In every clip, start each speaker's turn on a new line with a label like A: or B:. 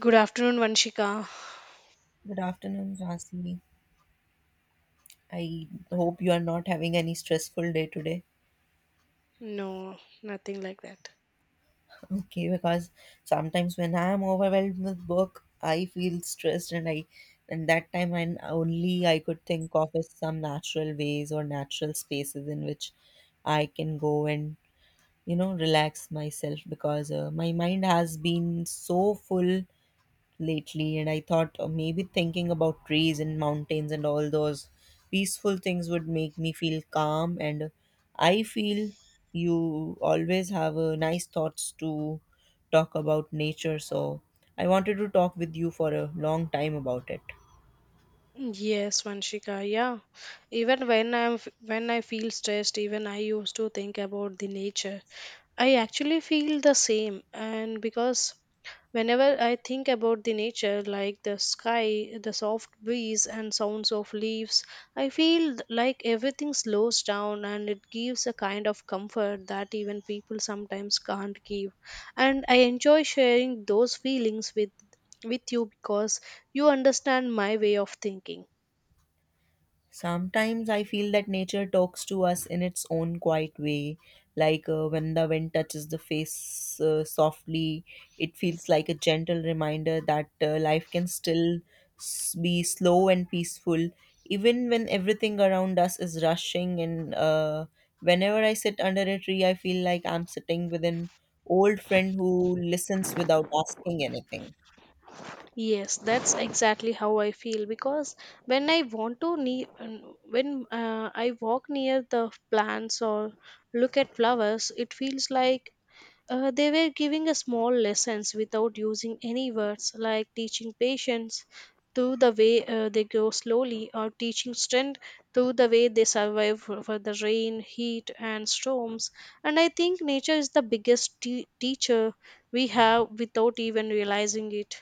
A: Good afternoon, Vanshika.
B: Good afternoon, Rasi. I hope you are not having any stressful day today.
A: No, nothing like that.
B: Okay, because sometimes when I am overwhelmed with work, I feel stressed, and that time, and only I could think of is some natural ways or natural spaces in which I can go and relax myself because my mind has been so full lately and I thought maybe thinking about trees and mountains and all those peaceful things would make me feel calm and I feel you always have nice thoughts to talk about nature, so I wanted to talk with you for a long time about it.
A: Yes, Vanshika. Yeah. Even when I feel stressed, even I used to think about the nature. I actually feel the same, and because whenever I think about the nature, like the sky, the soft breeze, and sounds of leaves, I feel like everything slows down and it gives a kind of comfort that even people sometimes can't give. And I enjoy sharing those feelings with you because you understand my way of thinking.
B: Sometimes I feel that nature talks to us in its own quiet way, like when the wind touches the face softly, it feels like a gentle reminder that life can still be slow and peaceful, even when everything around us is rushing. And whenever I sit under a tree, I feel like I'm sitting with an old friend who listens without asking anything.
A: Yes, that's exactly how I feel because when I want to ne- when I walk near the plants or look at flowers, it feels like they were giving us small lessons without using any words, like teaching patience through the way they grow slowly, or teaching strength through the way they survive for the rain, heat, and storms. And I think nature is the biggest teacher we have without even realizing it.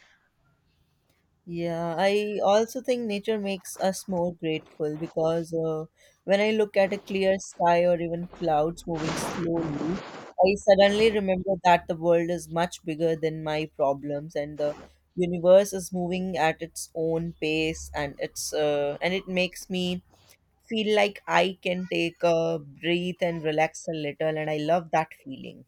B: Yeah, I also think nature makes us more grateful because when I look at a clear sky or even clouds moving slowly, I suddenly remember that the world is much bigger than my problems and the universe is moving at its own pace and it makes me feel like I can take a breath and relax a little and I love that feeling.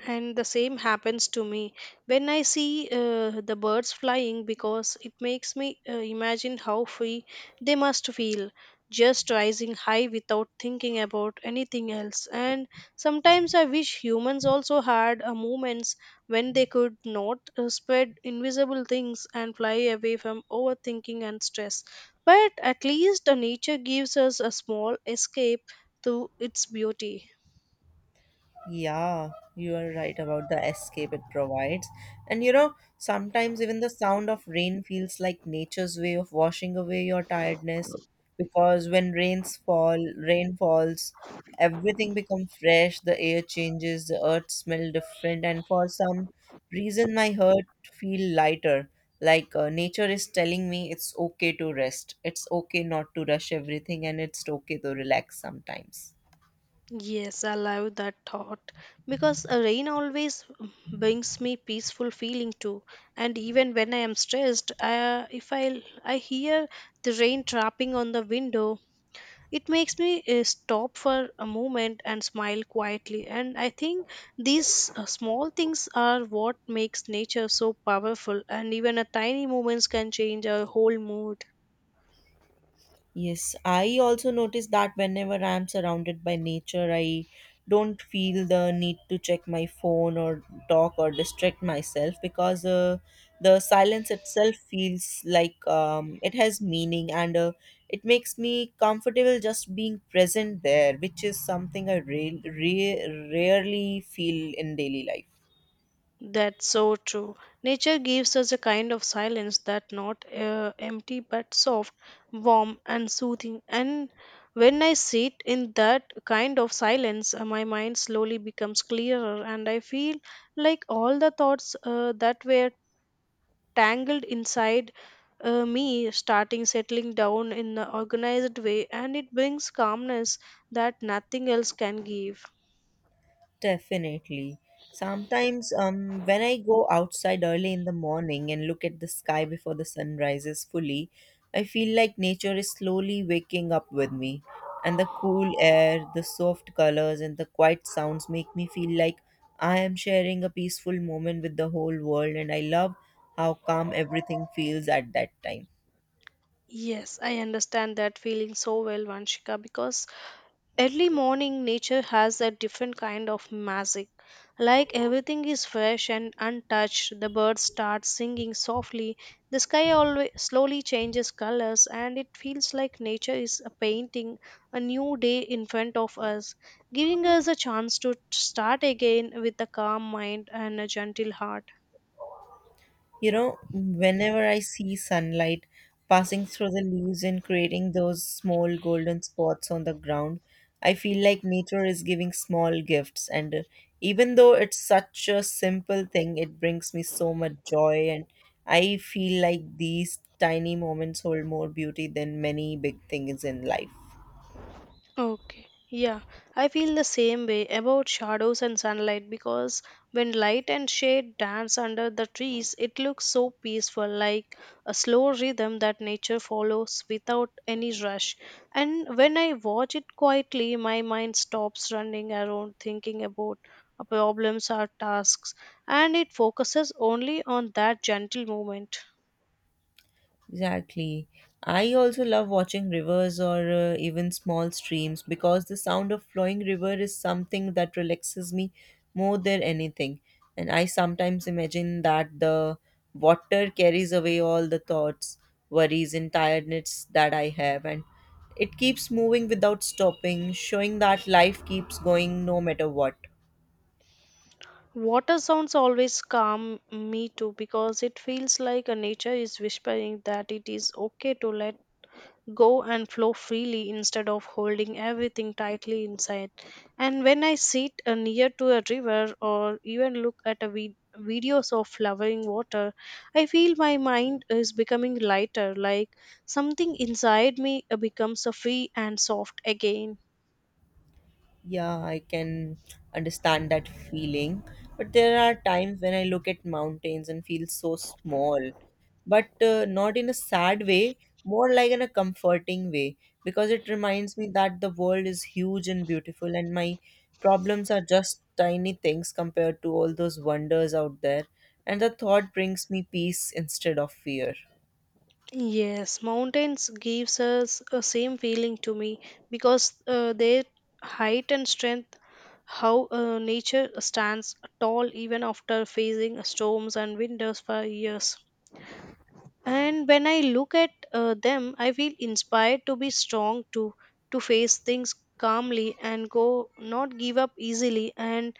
A: And the same happens to me when I see the birds flying because it makes me imagine how free they must feel just rising high without thinking about anything else. And sometimes I wish humans also had moments when they could not spread invisible things and fly away from overthinking and stress, but at least nature gives us a small escape through its beauty.
B: Yeah, you are right about the escape it provides. And you know, sometimes even the sound of rain feels like nature's way of washing away your tiredness because when rain falls, everything becomes fresh, the air changes, the earth smells different, and for some reason my heart feel lighter. Like nature is telling me it's okay to rest. It's okay not to rush everything and it's okay to relax sometimes.
A: Yes, I love that thought because a rain always brings me peaceful feeling too. And even when I am stressed, if I hear the rain tapping on the window, it makes me stop for a moment and smile quietly. And I think these small things are what makes nature so powerful. And even a tiny moments can change our whole mood.
B: Yes, I also notice that whenever I'm surrounded by nature, I don't feel the need to check my phone or talk or distract myself because the silence itself feels like it has meaning and it makes me comfortable just being present there, which is something I rarely feel in daily life.
A: That's so true. Nature gives us a kind of silence that not empty but soft, warm and soothing. And when I sit in that kind of silence, my mind slowly becomes clearer and I feel like all the thoughts that were tangled inside me starting settling down in an organized way, and it brings calmness that nothing else can give.
B: Definitely. Sometimes, when I go outside early in the morning and look at the sky before the sun rises fully, I feel like nature is slowly waking up with me. And the cool air, the soft colors, and the quiet sounds make me feel like I am sharing a peaceful moment with the whole world, and I love how calm everything feels at that time.
A: Yes, I understand that feeling so well, Vanshika, because early morning nature has a different kind of magic. Like everything is fresh and untouched, the birds start singing softly. The sky always slowly changes colors and it feels like nature is a painting a new day in front of us, giving us a chance to start again with a calm mind and a gentle heart.
B: You know, whenever I see sunlight passing through the leaves and creating those small golden spots on the ground, I feel like nature is giving small gifts. And even though it's such a simple thing, it brings me so much joy. And I feel like these tiny moments hold more beauty than many big things in life.
A: Okay. Yeah, I feel the same way about shadows and sunlight because when light and shade dance under the trees, it looks so peaceful, like a slow rhythm that nature follows without any rush. And when I watch it quietly, my mind stops running around thinking about problems or tasks, and it focuses only on that gentle moment.
B: Exactly. I also love watching rivers or even small streams because the sound of flowing river is something that relaxes me more than anything. And I sometimes imagine that the water carries away all the thoughts, worries, and tiredness that I have. And it keeps moving without stopping, showing that life keeps going no matter what.
A: Water sounds always calm me too because it feels like a nature is whispering that it is okay to let go and flow freely instead of holding everything tightly inside. And when I sit near to a river or even look at a videos of flowing water, I feel my mind is becoming lighter, like something inside me becomes free and soft again.
B: Yeah, I can understand that feeling. But there are times when I look at mountains and feel so small, but not in a sad way, more like in a comforting way, because it reminds me that the world is huge and beautiful, and my problems are just tiny things compared to all those wonders out there. And the thought brings me peace instead of fear.
A: Yes, mountains gives us a same feeling to me because their height and strength, how nature stands tall even after facing storms and winters for years. And when I look at them, I feel inspired to be strong to face things calmly and go not give up easily. And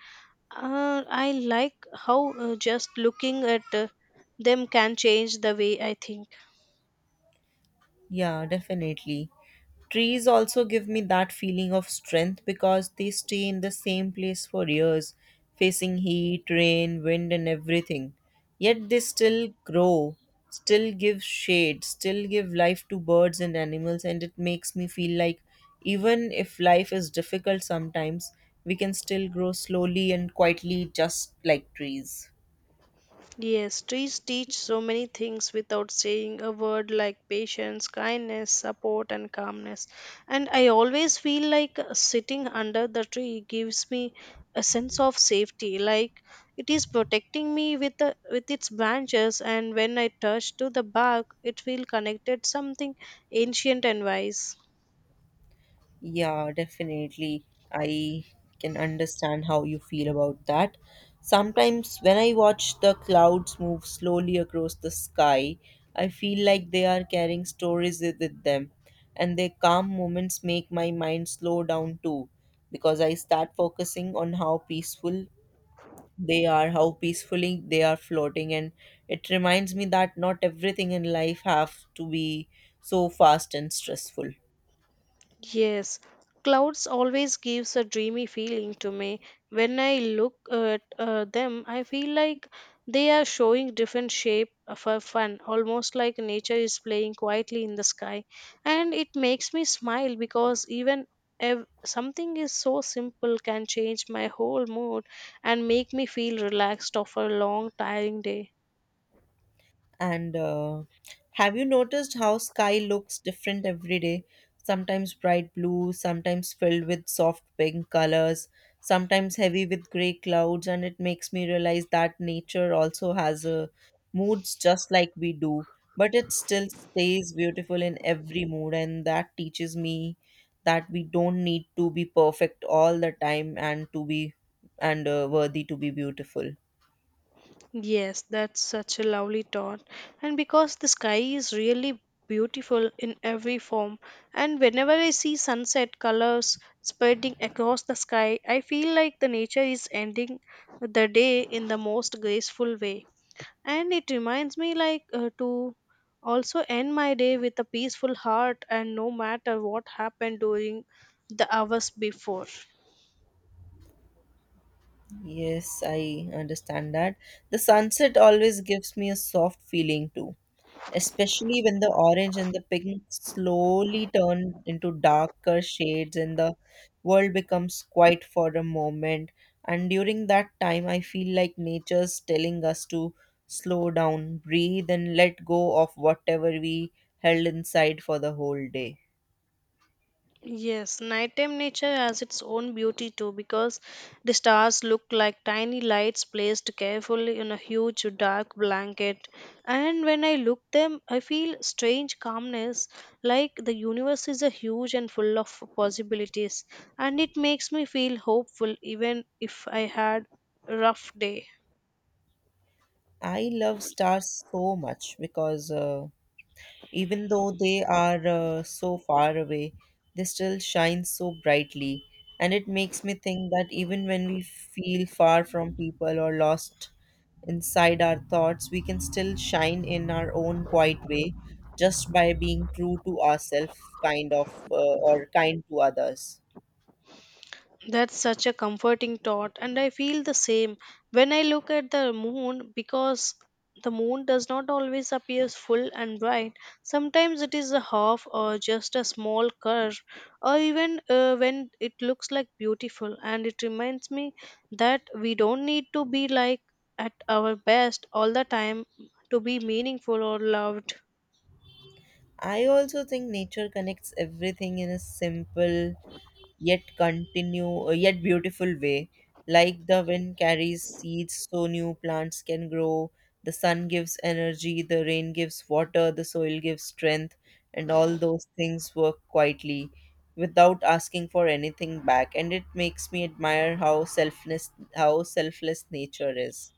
A: I like how just looking at them can change the way I think.
B: Yeah, definitely. Trees also give me that feeling of strength because they stay in the same place for years, facing heat, rain, wind, and everything. Yet they still grow, still give shade, still give life to birds and animals, and it makes me feel like even if life is difficult sometimes, we can still grow slowly and quietly, just like trees.
A: Yes, trees teach so many things without saying a word, like patience, kindness, support, and calmness. And I always feel like sitting under the tree gives me a sense of safety, like it is protecting me with with its branches. And when I touch to the bark, it feel connected something ancient and wise.
B: Yeah, definitely. I can understand how you feel about that. Sometimes when I watch the clouds move slowly across the sky, I feel like they are carrying stories with them, and their calm moments make my mind slow down too, because I start focusing on how peaceful they are, how peacefully they are floating, and it reminds me that not everything in life have to be so fast and stressful.
A: Yes, clouds always gives a dreamy feeling to me. When I look at them, I feel like they are showing different shape for fun, almost like nature is playing quietly in the sky. And it makes me smile because something is so simple can change my whole mood and make me feel relaxed after a long tiring day.
B: And have you noticed how sky looks different every day? Sometimes bright blue, sometimes filled with soft pink colors, sometimes heavy with gray clouds, and it makes me realize that nature also has a moods just like we do, but it still stays beautiful in every mood, and that teaches me that we don't need to be perfect all the time and to be and worthy to be beautiful.
A: Yes, that's such a lovely thought. And because the sky is really beautiful in every form, and whenever I see sunset colors spreading across the sky, I feel like the nature is ending the day in the most graceful way. And it reminds me like to also end my day with a peaceful heart, and no matter what happened during the hours before.
B: Yes, I understand that. The sunset always gives me a soft feeling too, especially when the orange and the pink slowly turn into darker shades and the world becomes quiet for a moment. And during that time, I feel like nature's telling us to slow down, breathe, and let go of whatever we held inside for the whole day.
A: Yes, nighttime nature has its own beauty too because the stars look like tiny lights placed carefully in a huge dark blanket. And when I look them, I feel strange calmness, like the universe is a huge and full of possibilities, and it makes me feel hopeful even if I had a rough day.
B: I love stars so much because even though they are so far away, they still shine so brightly. And it makes me think that even when we feel far from people or lost inside our thoughts, we can still shine in our own quiet way just by being true to ourselves, kind of, or kind to others.
A: That's such a comforting thought, and I feel the same when I look at the moon because the moon does not always appear full and bright. Sometimes it is a half or just a small curve, or even when it looks like beautiful, and it reminds me that we don't need to be like at our best all the time to be meaningful or loved.
B: I also think nature connects everything in a simple yet continue yet beautiful way, like the wind carries seeds so new plants can grow, the sun gives energy, the rain gives water, the soil gives strength, and all those things work quietly without asking for anything back, and it makes me admire how selfless nature is.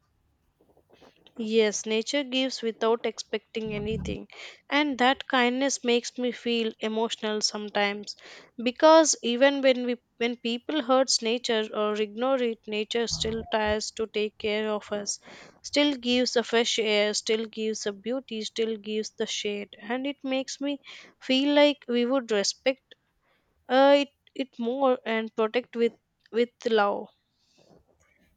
A: Yes, nature gives without expecting anything, and that kindness makes me feel emotional sometimes because even when people hurts nature or ignore it, nature still tries to take care of us, still gives a fresh air, still gives a beauty, still gives the shade, and it makes me feel like we would respect it it more and protect with love.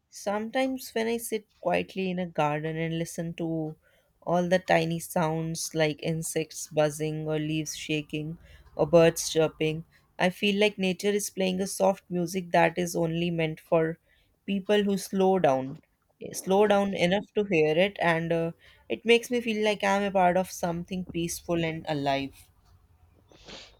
B: Sometimes, when I sit quietly in a garden and listen to all the tiny sounds like insects buzzing, or leaves shaking, or birds chirping, I feel like nature is playing a soft music that is only meant for people who slow down. Slow down enough to hear it, and it makes me feel like I'm a part of something peaceful and alive.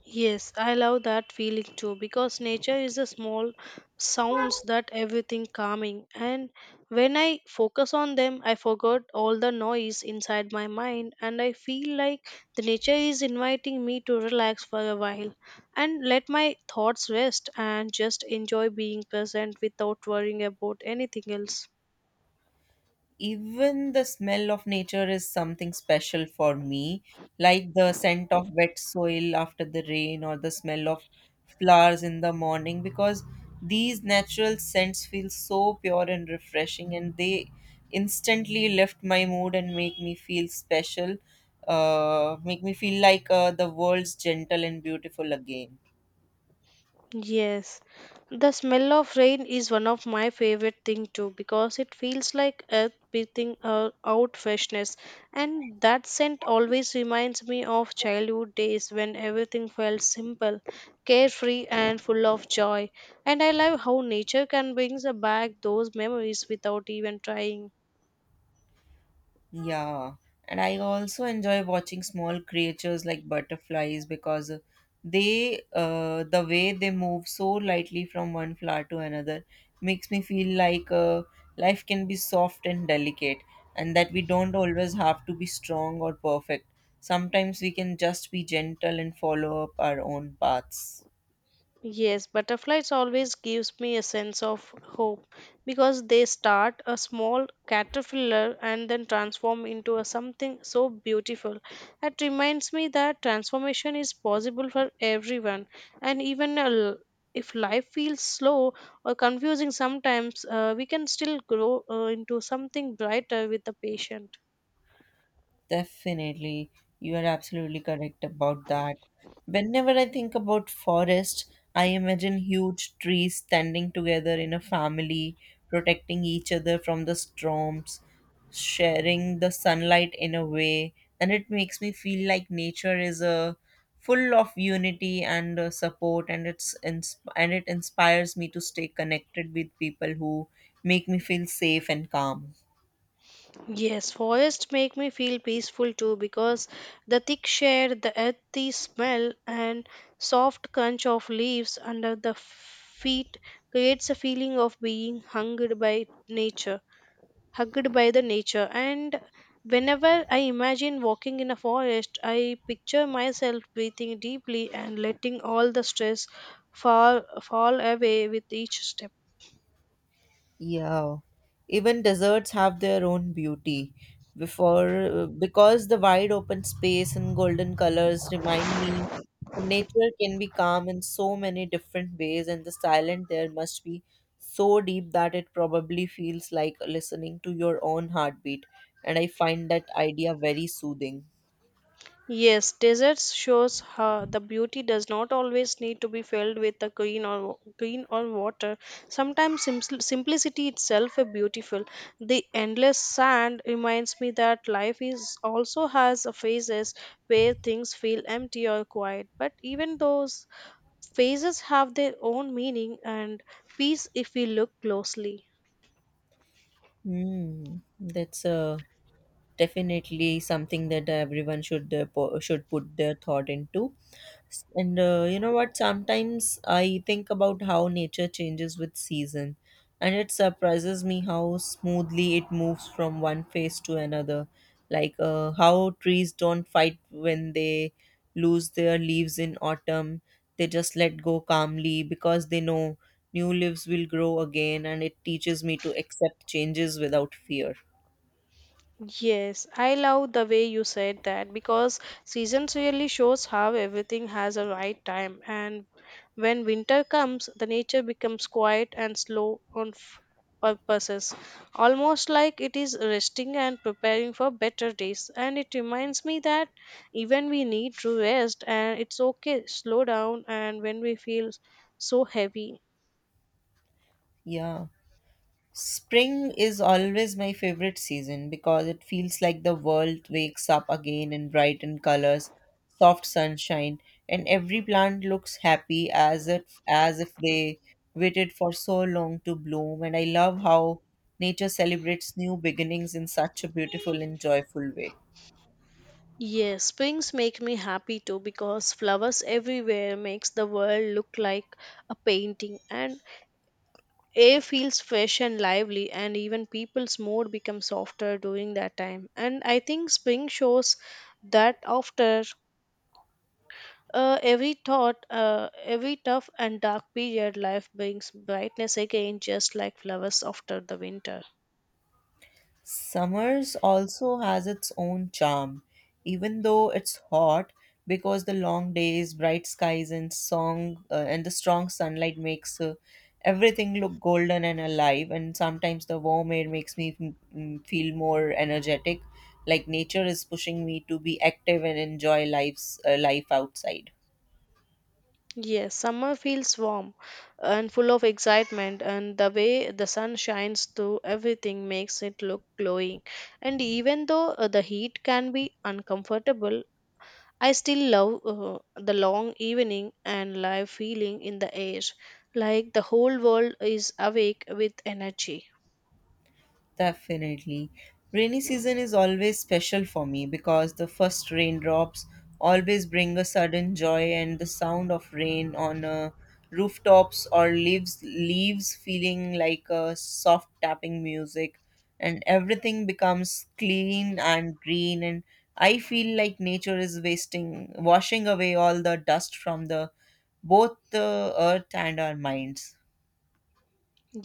A: Yes, I love that feeling too because nature is a small sounds that everything calming, and when I focus on them I forgot all the noise inside my mind and I feel like the nature is inviting me to relax for a while and let my thoughts rest and just enjoy being present without worrying about anything else.
B: Even the smell of nature is something special for me, like the scent of wet soil after the rain or the smell of flowers in the morning, because these natural scents feel so pure and refreshing, and they instantly lift my mood and make me feel special, make me feel like the world's gentle and beautiful again.
A: Yes, the smell of rain is one of my favorite thing too because it feels like earth breathing out freshness, and that scent always reminds me of childhood days when everything felt simple, carefree and full of joy. And I love how nature can bring back those memories without even trying.
B: Yeah, and I also enjoy watching small creatures like butterflies because the way they move so lightly from one flower to another makes me feel like life can be soft and delicate, and that we don't always have to be strong or perfect. Sometimes we can just be gentle and follow up our own paths.
A: Yes, butterflies always gives me a sense of hope because they start a small caterpillar and then transform into a something so beautiful. It reminds me that transformation is possible for everyone, and if life feels slow or confusing sometimes, we can still grow into something brighter with the patient.
B: Definitely, you are absolutely correct about that. Whenever I think about forest, I imagine huge trees standing together in a family, protecting each other from the storms, sharing the sunlight in a way, and it makes me feel like nature is a full of unity and support and it inspires me to stay connected with people who make me feel safe and calm.
A: Yes, forests make me feel peaceful too because the thick shade, the earthy smell, and soft crunch of leaves under the feet creates a feeling of being hugged by nature, hugged by the nature. And whenever I imagine walking in a forest, I picture myself breathing deeply and letting all the stress fall away with each step.
B: Yeah, even deserts have their own beauty. Before, because the wide open space and golden colors remind me that nature can be calm in so many different ways, and the silence there must be so deep that it probably feels like listening to your own heartbeat. And I find that idea very soothing.
A: Yes, deserts shows how the beauty does not always need to be filled with a green or green or water. Sometimes simple simplicity itself is beautiful. The endless sand reminds me that life is also has a phases where things feel empty or quiet. But even those phases have their own meaning and peace if we look closely.
B: Hmm, that's a definitely something that everyone should should put their thought into. S- and You know what, sometimes I think about how nature changes with season and it surprises me how smoothly it moves from one phase to another, like how trees don't fight when they lose their leaves in autumn. They just let go calmly because they know new leaves will grow again, and it teaches me to accept changes without fear.
A: Yes, I love the way you said that because seasons really shows how everything has a right time, and when winter comes the nature becomes quiet and slow on purposes, almost like it is resting and preparing for better days, and it reminds me that even we need to rest and it's okay slow down and when we feel so heavy.
B: Yeah, spring is always my favorite season because it feels like the world wakes up again in brightened colors, soft sunshine, and every plant looks happy as if they waited for so long to bloom. And I love how nature celebrates new beginnings in such a beautiful and joyful way.
A: Yes, springs make me happy too because flowers everywhere makes the world look like a painting and air feels fresh and lively and even people's mood becomes softer during that time. And I think spring shows that after every tough and dark period, life brings brightness again just like flowers after the winter.
B: Summers also has its own charm, even though it's hot, because the long days, bright skies, and song and the strong sunlight makes everything look golden and alive. And sometimes the warm air makes me feel more energetic, like nature is pushing me to be active and enjoy life outside.
A: Yes, summer feels warm and full of excitement, and the way the sun shines through everything makes it look glowing. And even though the heat can be uncomfortable, I still love the long evening and live feeling in the air, like the whole world is awake with energy.
B: Definitely. Rainy season is always special for me because the first raindrops always bring a sudden joy and the sound of rain on rooftops or leaves feeling like a soft tapping music, and everything becomes clean and green, and I feel like nature is wasting washing away all the dust from the both the earth and our minds.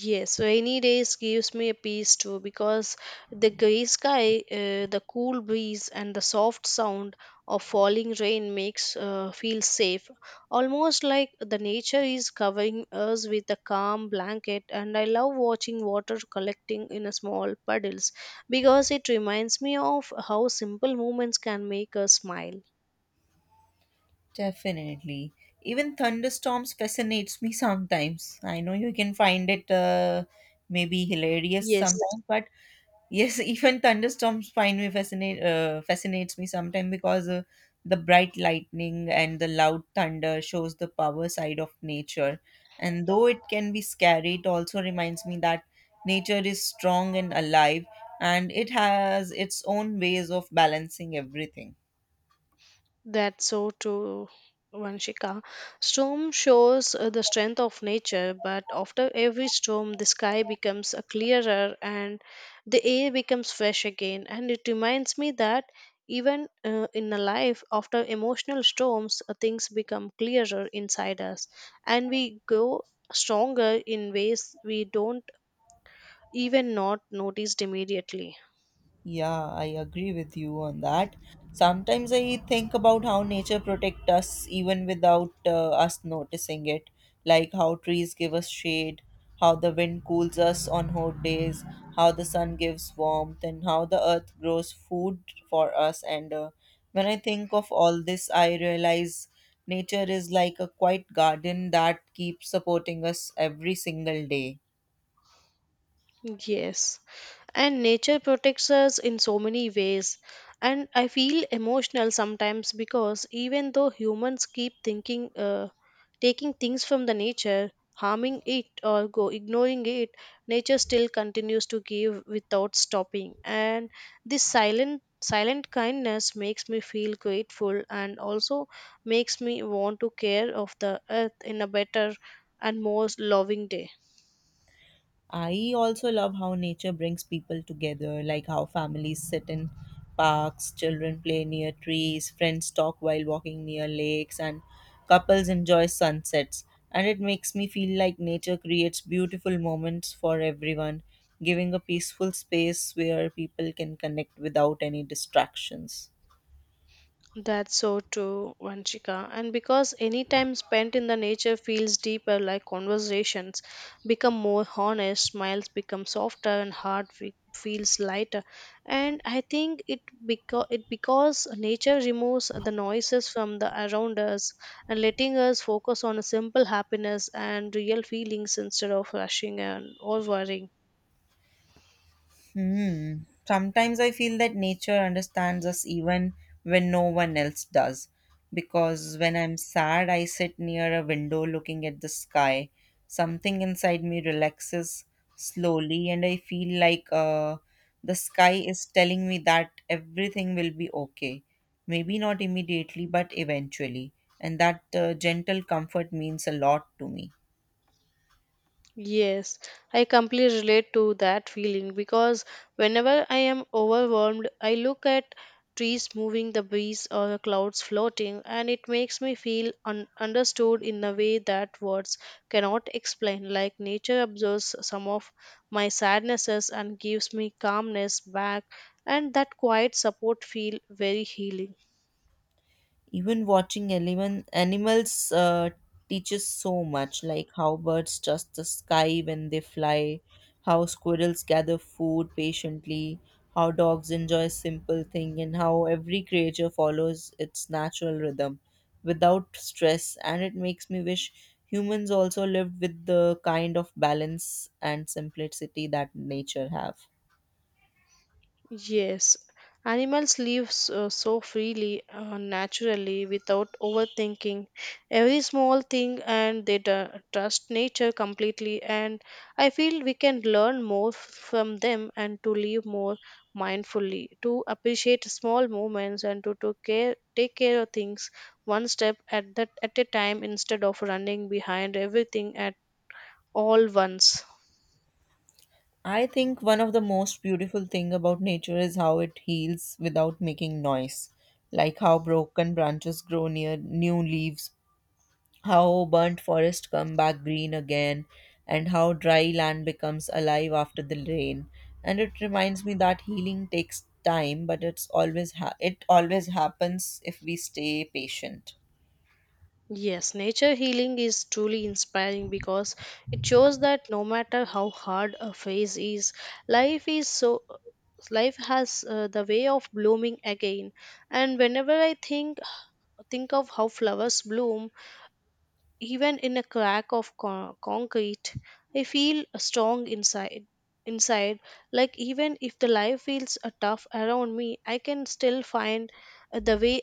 A: Yes, rainy days gives me a peace too because the gray sky, the cool breeze, and the soft sound of falling rain makes feel safe, almost like the nature is covering us with a calm blanket. And I love watching water collecting in a small puddles because it reminds me of how simple moments can make us smile.
B: Definitely. Even thunderstorms fascinates me sometimes. I know you can find it maybe hilarious
A: Yes,
B: sometimes, but yes, even thunderstorms find me fascinates me sometimes because the bright lightning and the loud thunder shows the power side of nature. And though it can be scary, it also reminds me that nature is strong and alive, and it has its own ways of balancing everything.
A: that's so true, Vanshika. Storm shows the strength of nature, but after every storm, the sky becomes clearer and the air becomes fresh again. And it reminds me that even in a life, after emotional storms, things become clearer inside us, and we grow stronger in ways we don't even not notice immediately.
B: Yeah, I agree with you on that. Sometimes I think about how nature protects us even without us noticing it, like how trees give us shade, how the wind cools us on hot days, how the sun gives warmth, and how the earth grows food for us. And when I think of all this, I realize nature is like a quiet garden that keeps supporting us every single day.
A: Yes, and nature protects us in so many ways, and I feel emotional sometimes because even though humans keep thinking taking things from the nature, harming it or go ignoring it, nature still continues to give without stopping. And this silent kindness makes me feel grateful and also makes me want to care of the earth in a better and more loving day.
B: I also love how nature brings people together, like how families sit in parks, children play near trees, friends talk while walking near lakes, and couples enjoy sunsets. And it makes me feel like nature creates beautiful moments for everyone, giving a peaceful space where people can connect without any distractions.
A: That's so true, Vanchika. And because any time spent in the nature feels deeper, like conversations become more honest, smiles become softer, and heart feels lighter. And I think it because nature removes the noises from the around us, and letting us focus on a simple happiness and real feelings instead of rushing and or worrying.
B: Hmm. Sometimes I feel that nature understands us even when no one else does. Because when I'm sad, I sit near a window looking at the sky. Something inside me relaxes slowly, and I feel like the sky is telling me that everything will be okay. Maybe not immediately, but eventually. And that gentle comfort means a lot to me.
A: Yes, I completely relate to that feeling because whenever I am overwhelmed, I look at trees moving, the breeze, or the clouds floating, and it makes me feel understood in a way that words cannot explain. Like nature absorbs some of my sadnesses and gives me calmness back, and that quiet support feel very healing.
B: Even watching 11 animals teaches so much, like how birds trust the sky when they fly, how squirrels gather food patiently, how dogs enjoy simple things, and how every creature follows its natural rhythm without stress. And it makes me wish humans also lived with the kind of balance and simplicity that nature have.
A: Yes, animals live so, so freely, naturally, without overthinking every small thing, and they trust nature completely. And I feel we can learn more from them and to live more mindfully, to appreciate small moments, and to care, take care of things one step at a time instead of running behind everything at all once.
B: I think one of the most beautiful thing about nature is how it heals without making noise, like how broken branches grow near new leaves, how burnt forests come back green again, and how dry land becomes alive after the rain. And it reminds me that healing takes time, but it always happens if we stay patient.
A: Yes, nature healing is truly inspiring because it shows that no matter how hard a phase is, life is so life has the way of blooming again. And whenever I think of how flowers bloom even in a crack of concrete, I feel strong inside. Inside, like even if the life feels tough around me, I can still find the way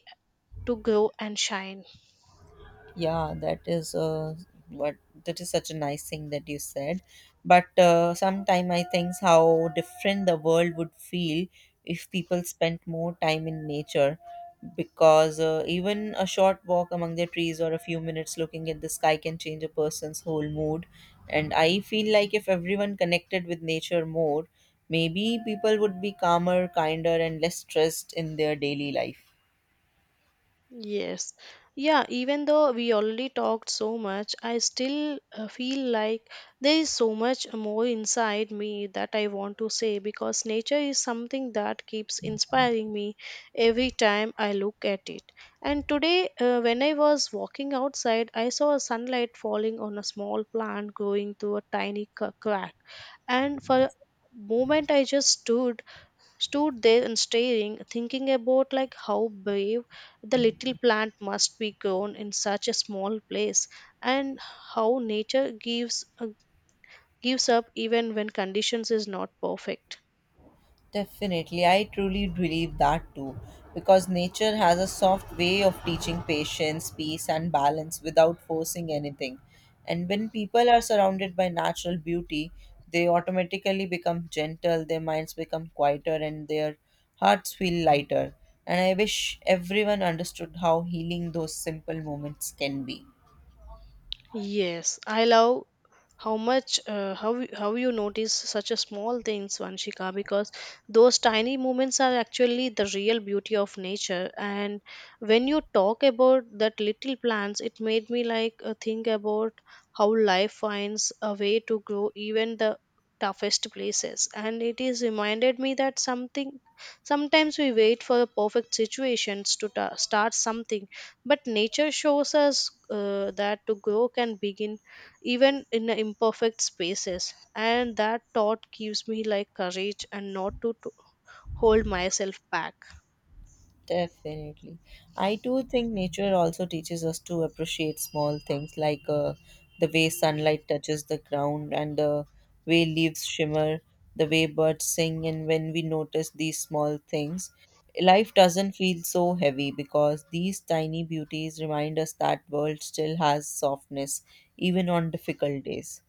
A: to grow and shine.
B: Yeah, that is what that is such a nice thing that you said. But sometime I think how different the world would feel if people spent more time in nature, because even a short walk among the trees or a few minutes looking at the sky can change a person's whole mood. And I feel like if everyone connected with nature more, maybe people would be calmer, kinder, and less stressed in their daily life.
A: Yes. Yeah, even though we already talked so much, I still feel like there is so much more inside me that I want to say because nature is something that keeps inspiring me every time I look at it. And today, when I was walking outside, I saw a sunlight falling on a small plant growing through a tiny crack. And for a moment, I just stood there and staring, thinking about like how brave the little plant must be grown in such a small place, and how nature gives gives up even when conditions is not perfect.
B: Definitely, I truly believe that too, because nature has a soft way of teaching patience, peace, and balance without forcing anything. And when people are surrounded by natural beauty, they automatically become gentle, their minds become quieter, and their hearts feel lighter. And I wish everyone understood how healing those simple moments can be.
A: Yes, I love how much how you notice such a small things, Vanshika, because those tiny moments are actually the real beauty of nature. And when you talk about that little plants, it made me like think about how life finds a way to grow even the toughest places. And it is reminded me that something sometimes we wait for the perfect situations to start something, but nature shows us that to grow can begin even in a imperfect spaces, and that thought gives me like courage and not to, to hold myself back.
B: Definitely. I do think nature also teaches us to appreciate small things, like the way sunlight touches the ground and the way leaves shimmer, the way birds sing. And when we notice these small things, life doesn't feel so heavy because these tiny beauties remind us that world still has softness, even on difficult days.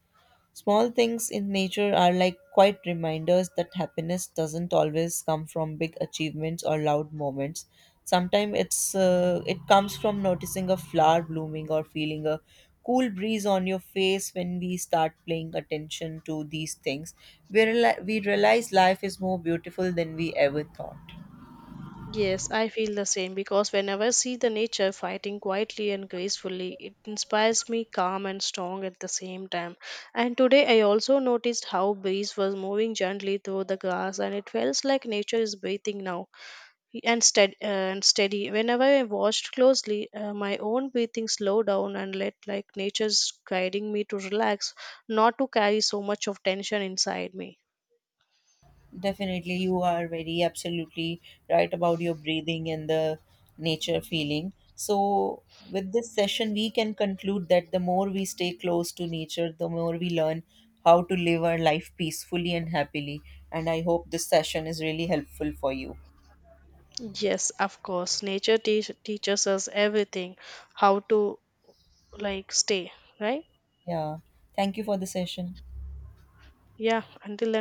B: Small things in nature are like quiet reminders that happiness doesn't always come from big achievements or loud moments. Sometimes it comes from noticing a flower blooming or feeling a cool breeze on your face when we start paying attention to these things. We realize life is more beautiful than we ever thought.
A: Yes, I feel the same because whenever I see the nature fighting quietly and gracefully, it inspires me calm and strong at the same time. And today I also noticed how breeze was moving gently through the grass, and it feels like nature is breathing now, and steady. Whenever I watched closely, my own breathing slowed down and let like nature's guiding me to relax, not to carry so much of tension inside me.
B: Definitely, you are very absolutely right about your breathing and the nature feeling. So, with this session, we can conclude that the more we stay close to nature, the more we learn how to live our life peacefully and happily. And I hope this session is really helpful for you.
A: Yes, of course, nature teaches us everything, how to like stay right.
B: Yeah. Thank you for the session.
A: Yeah, until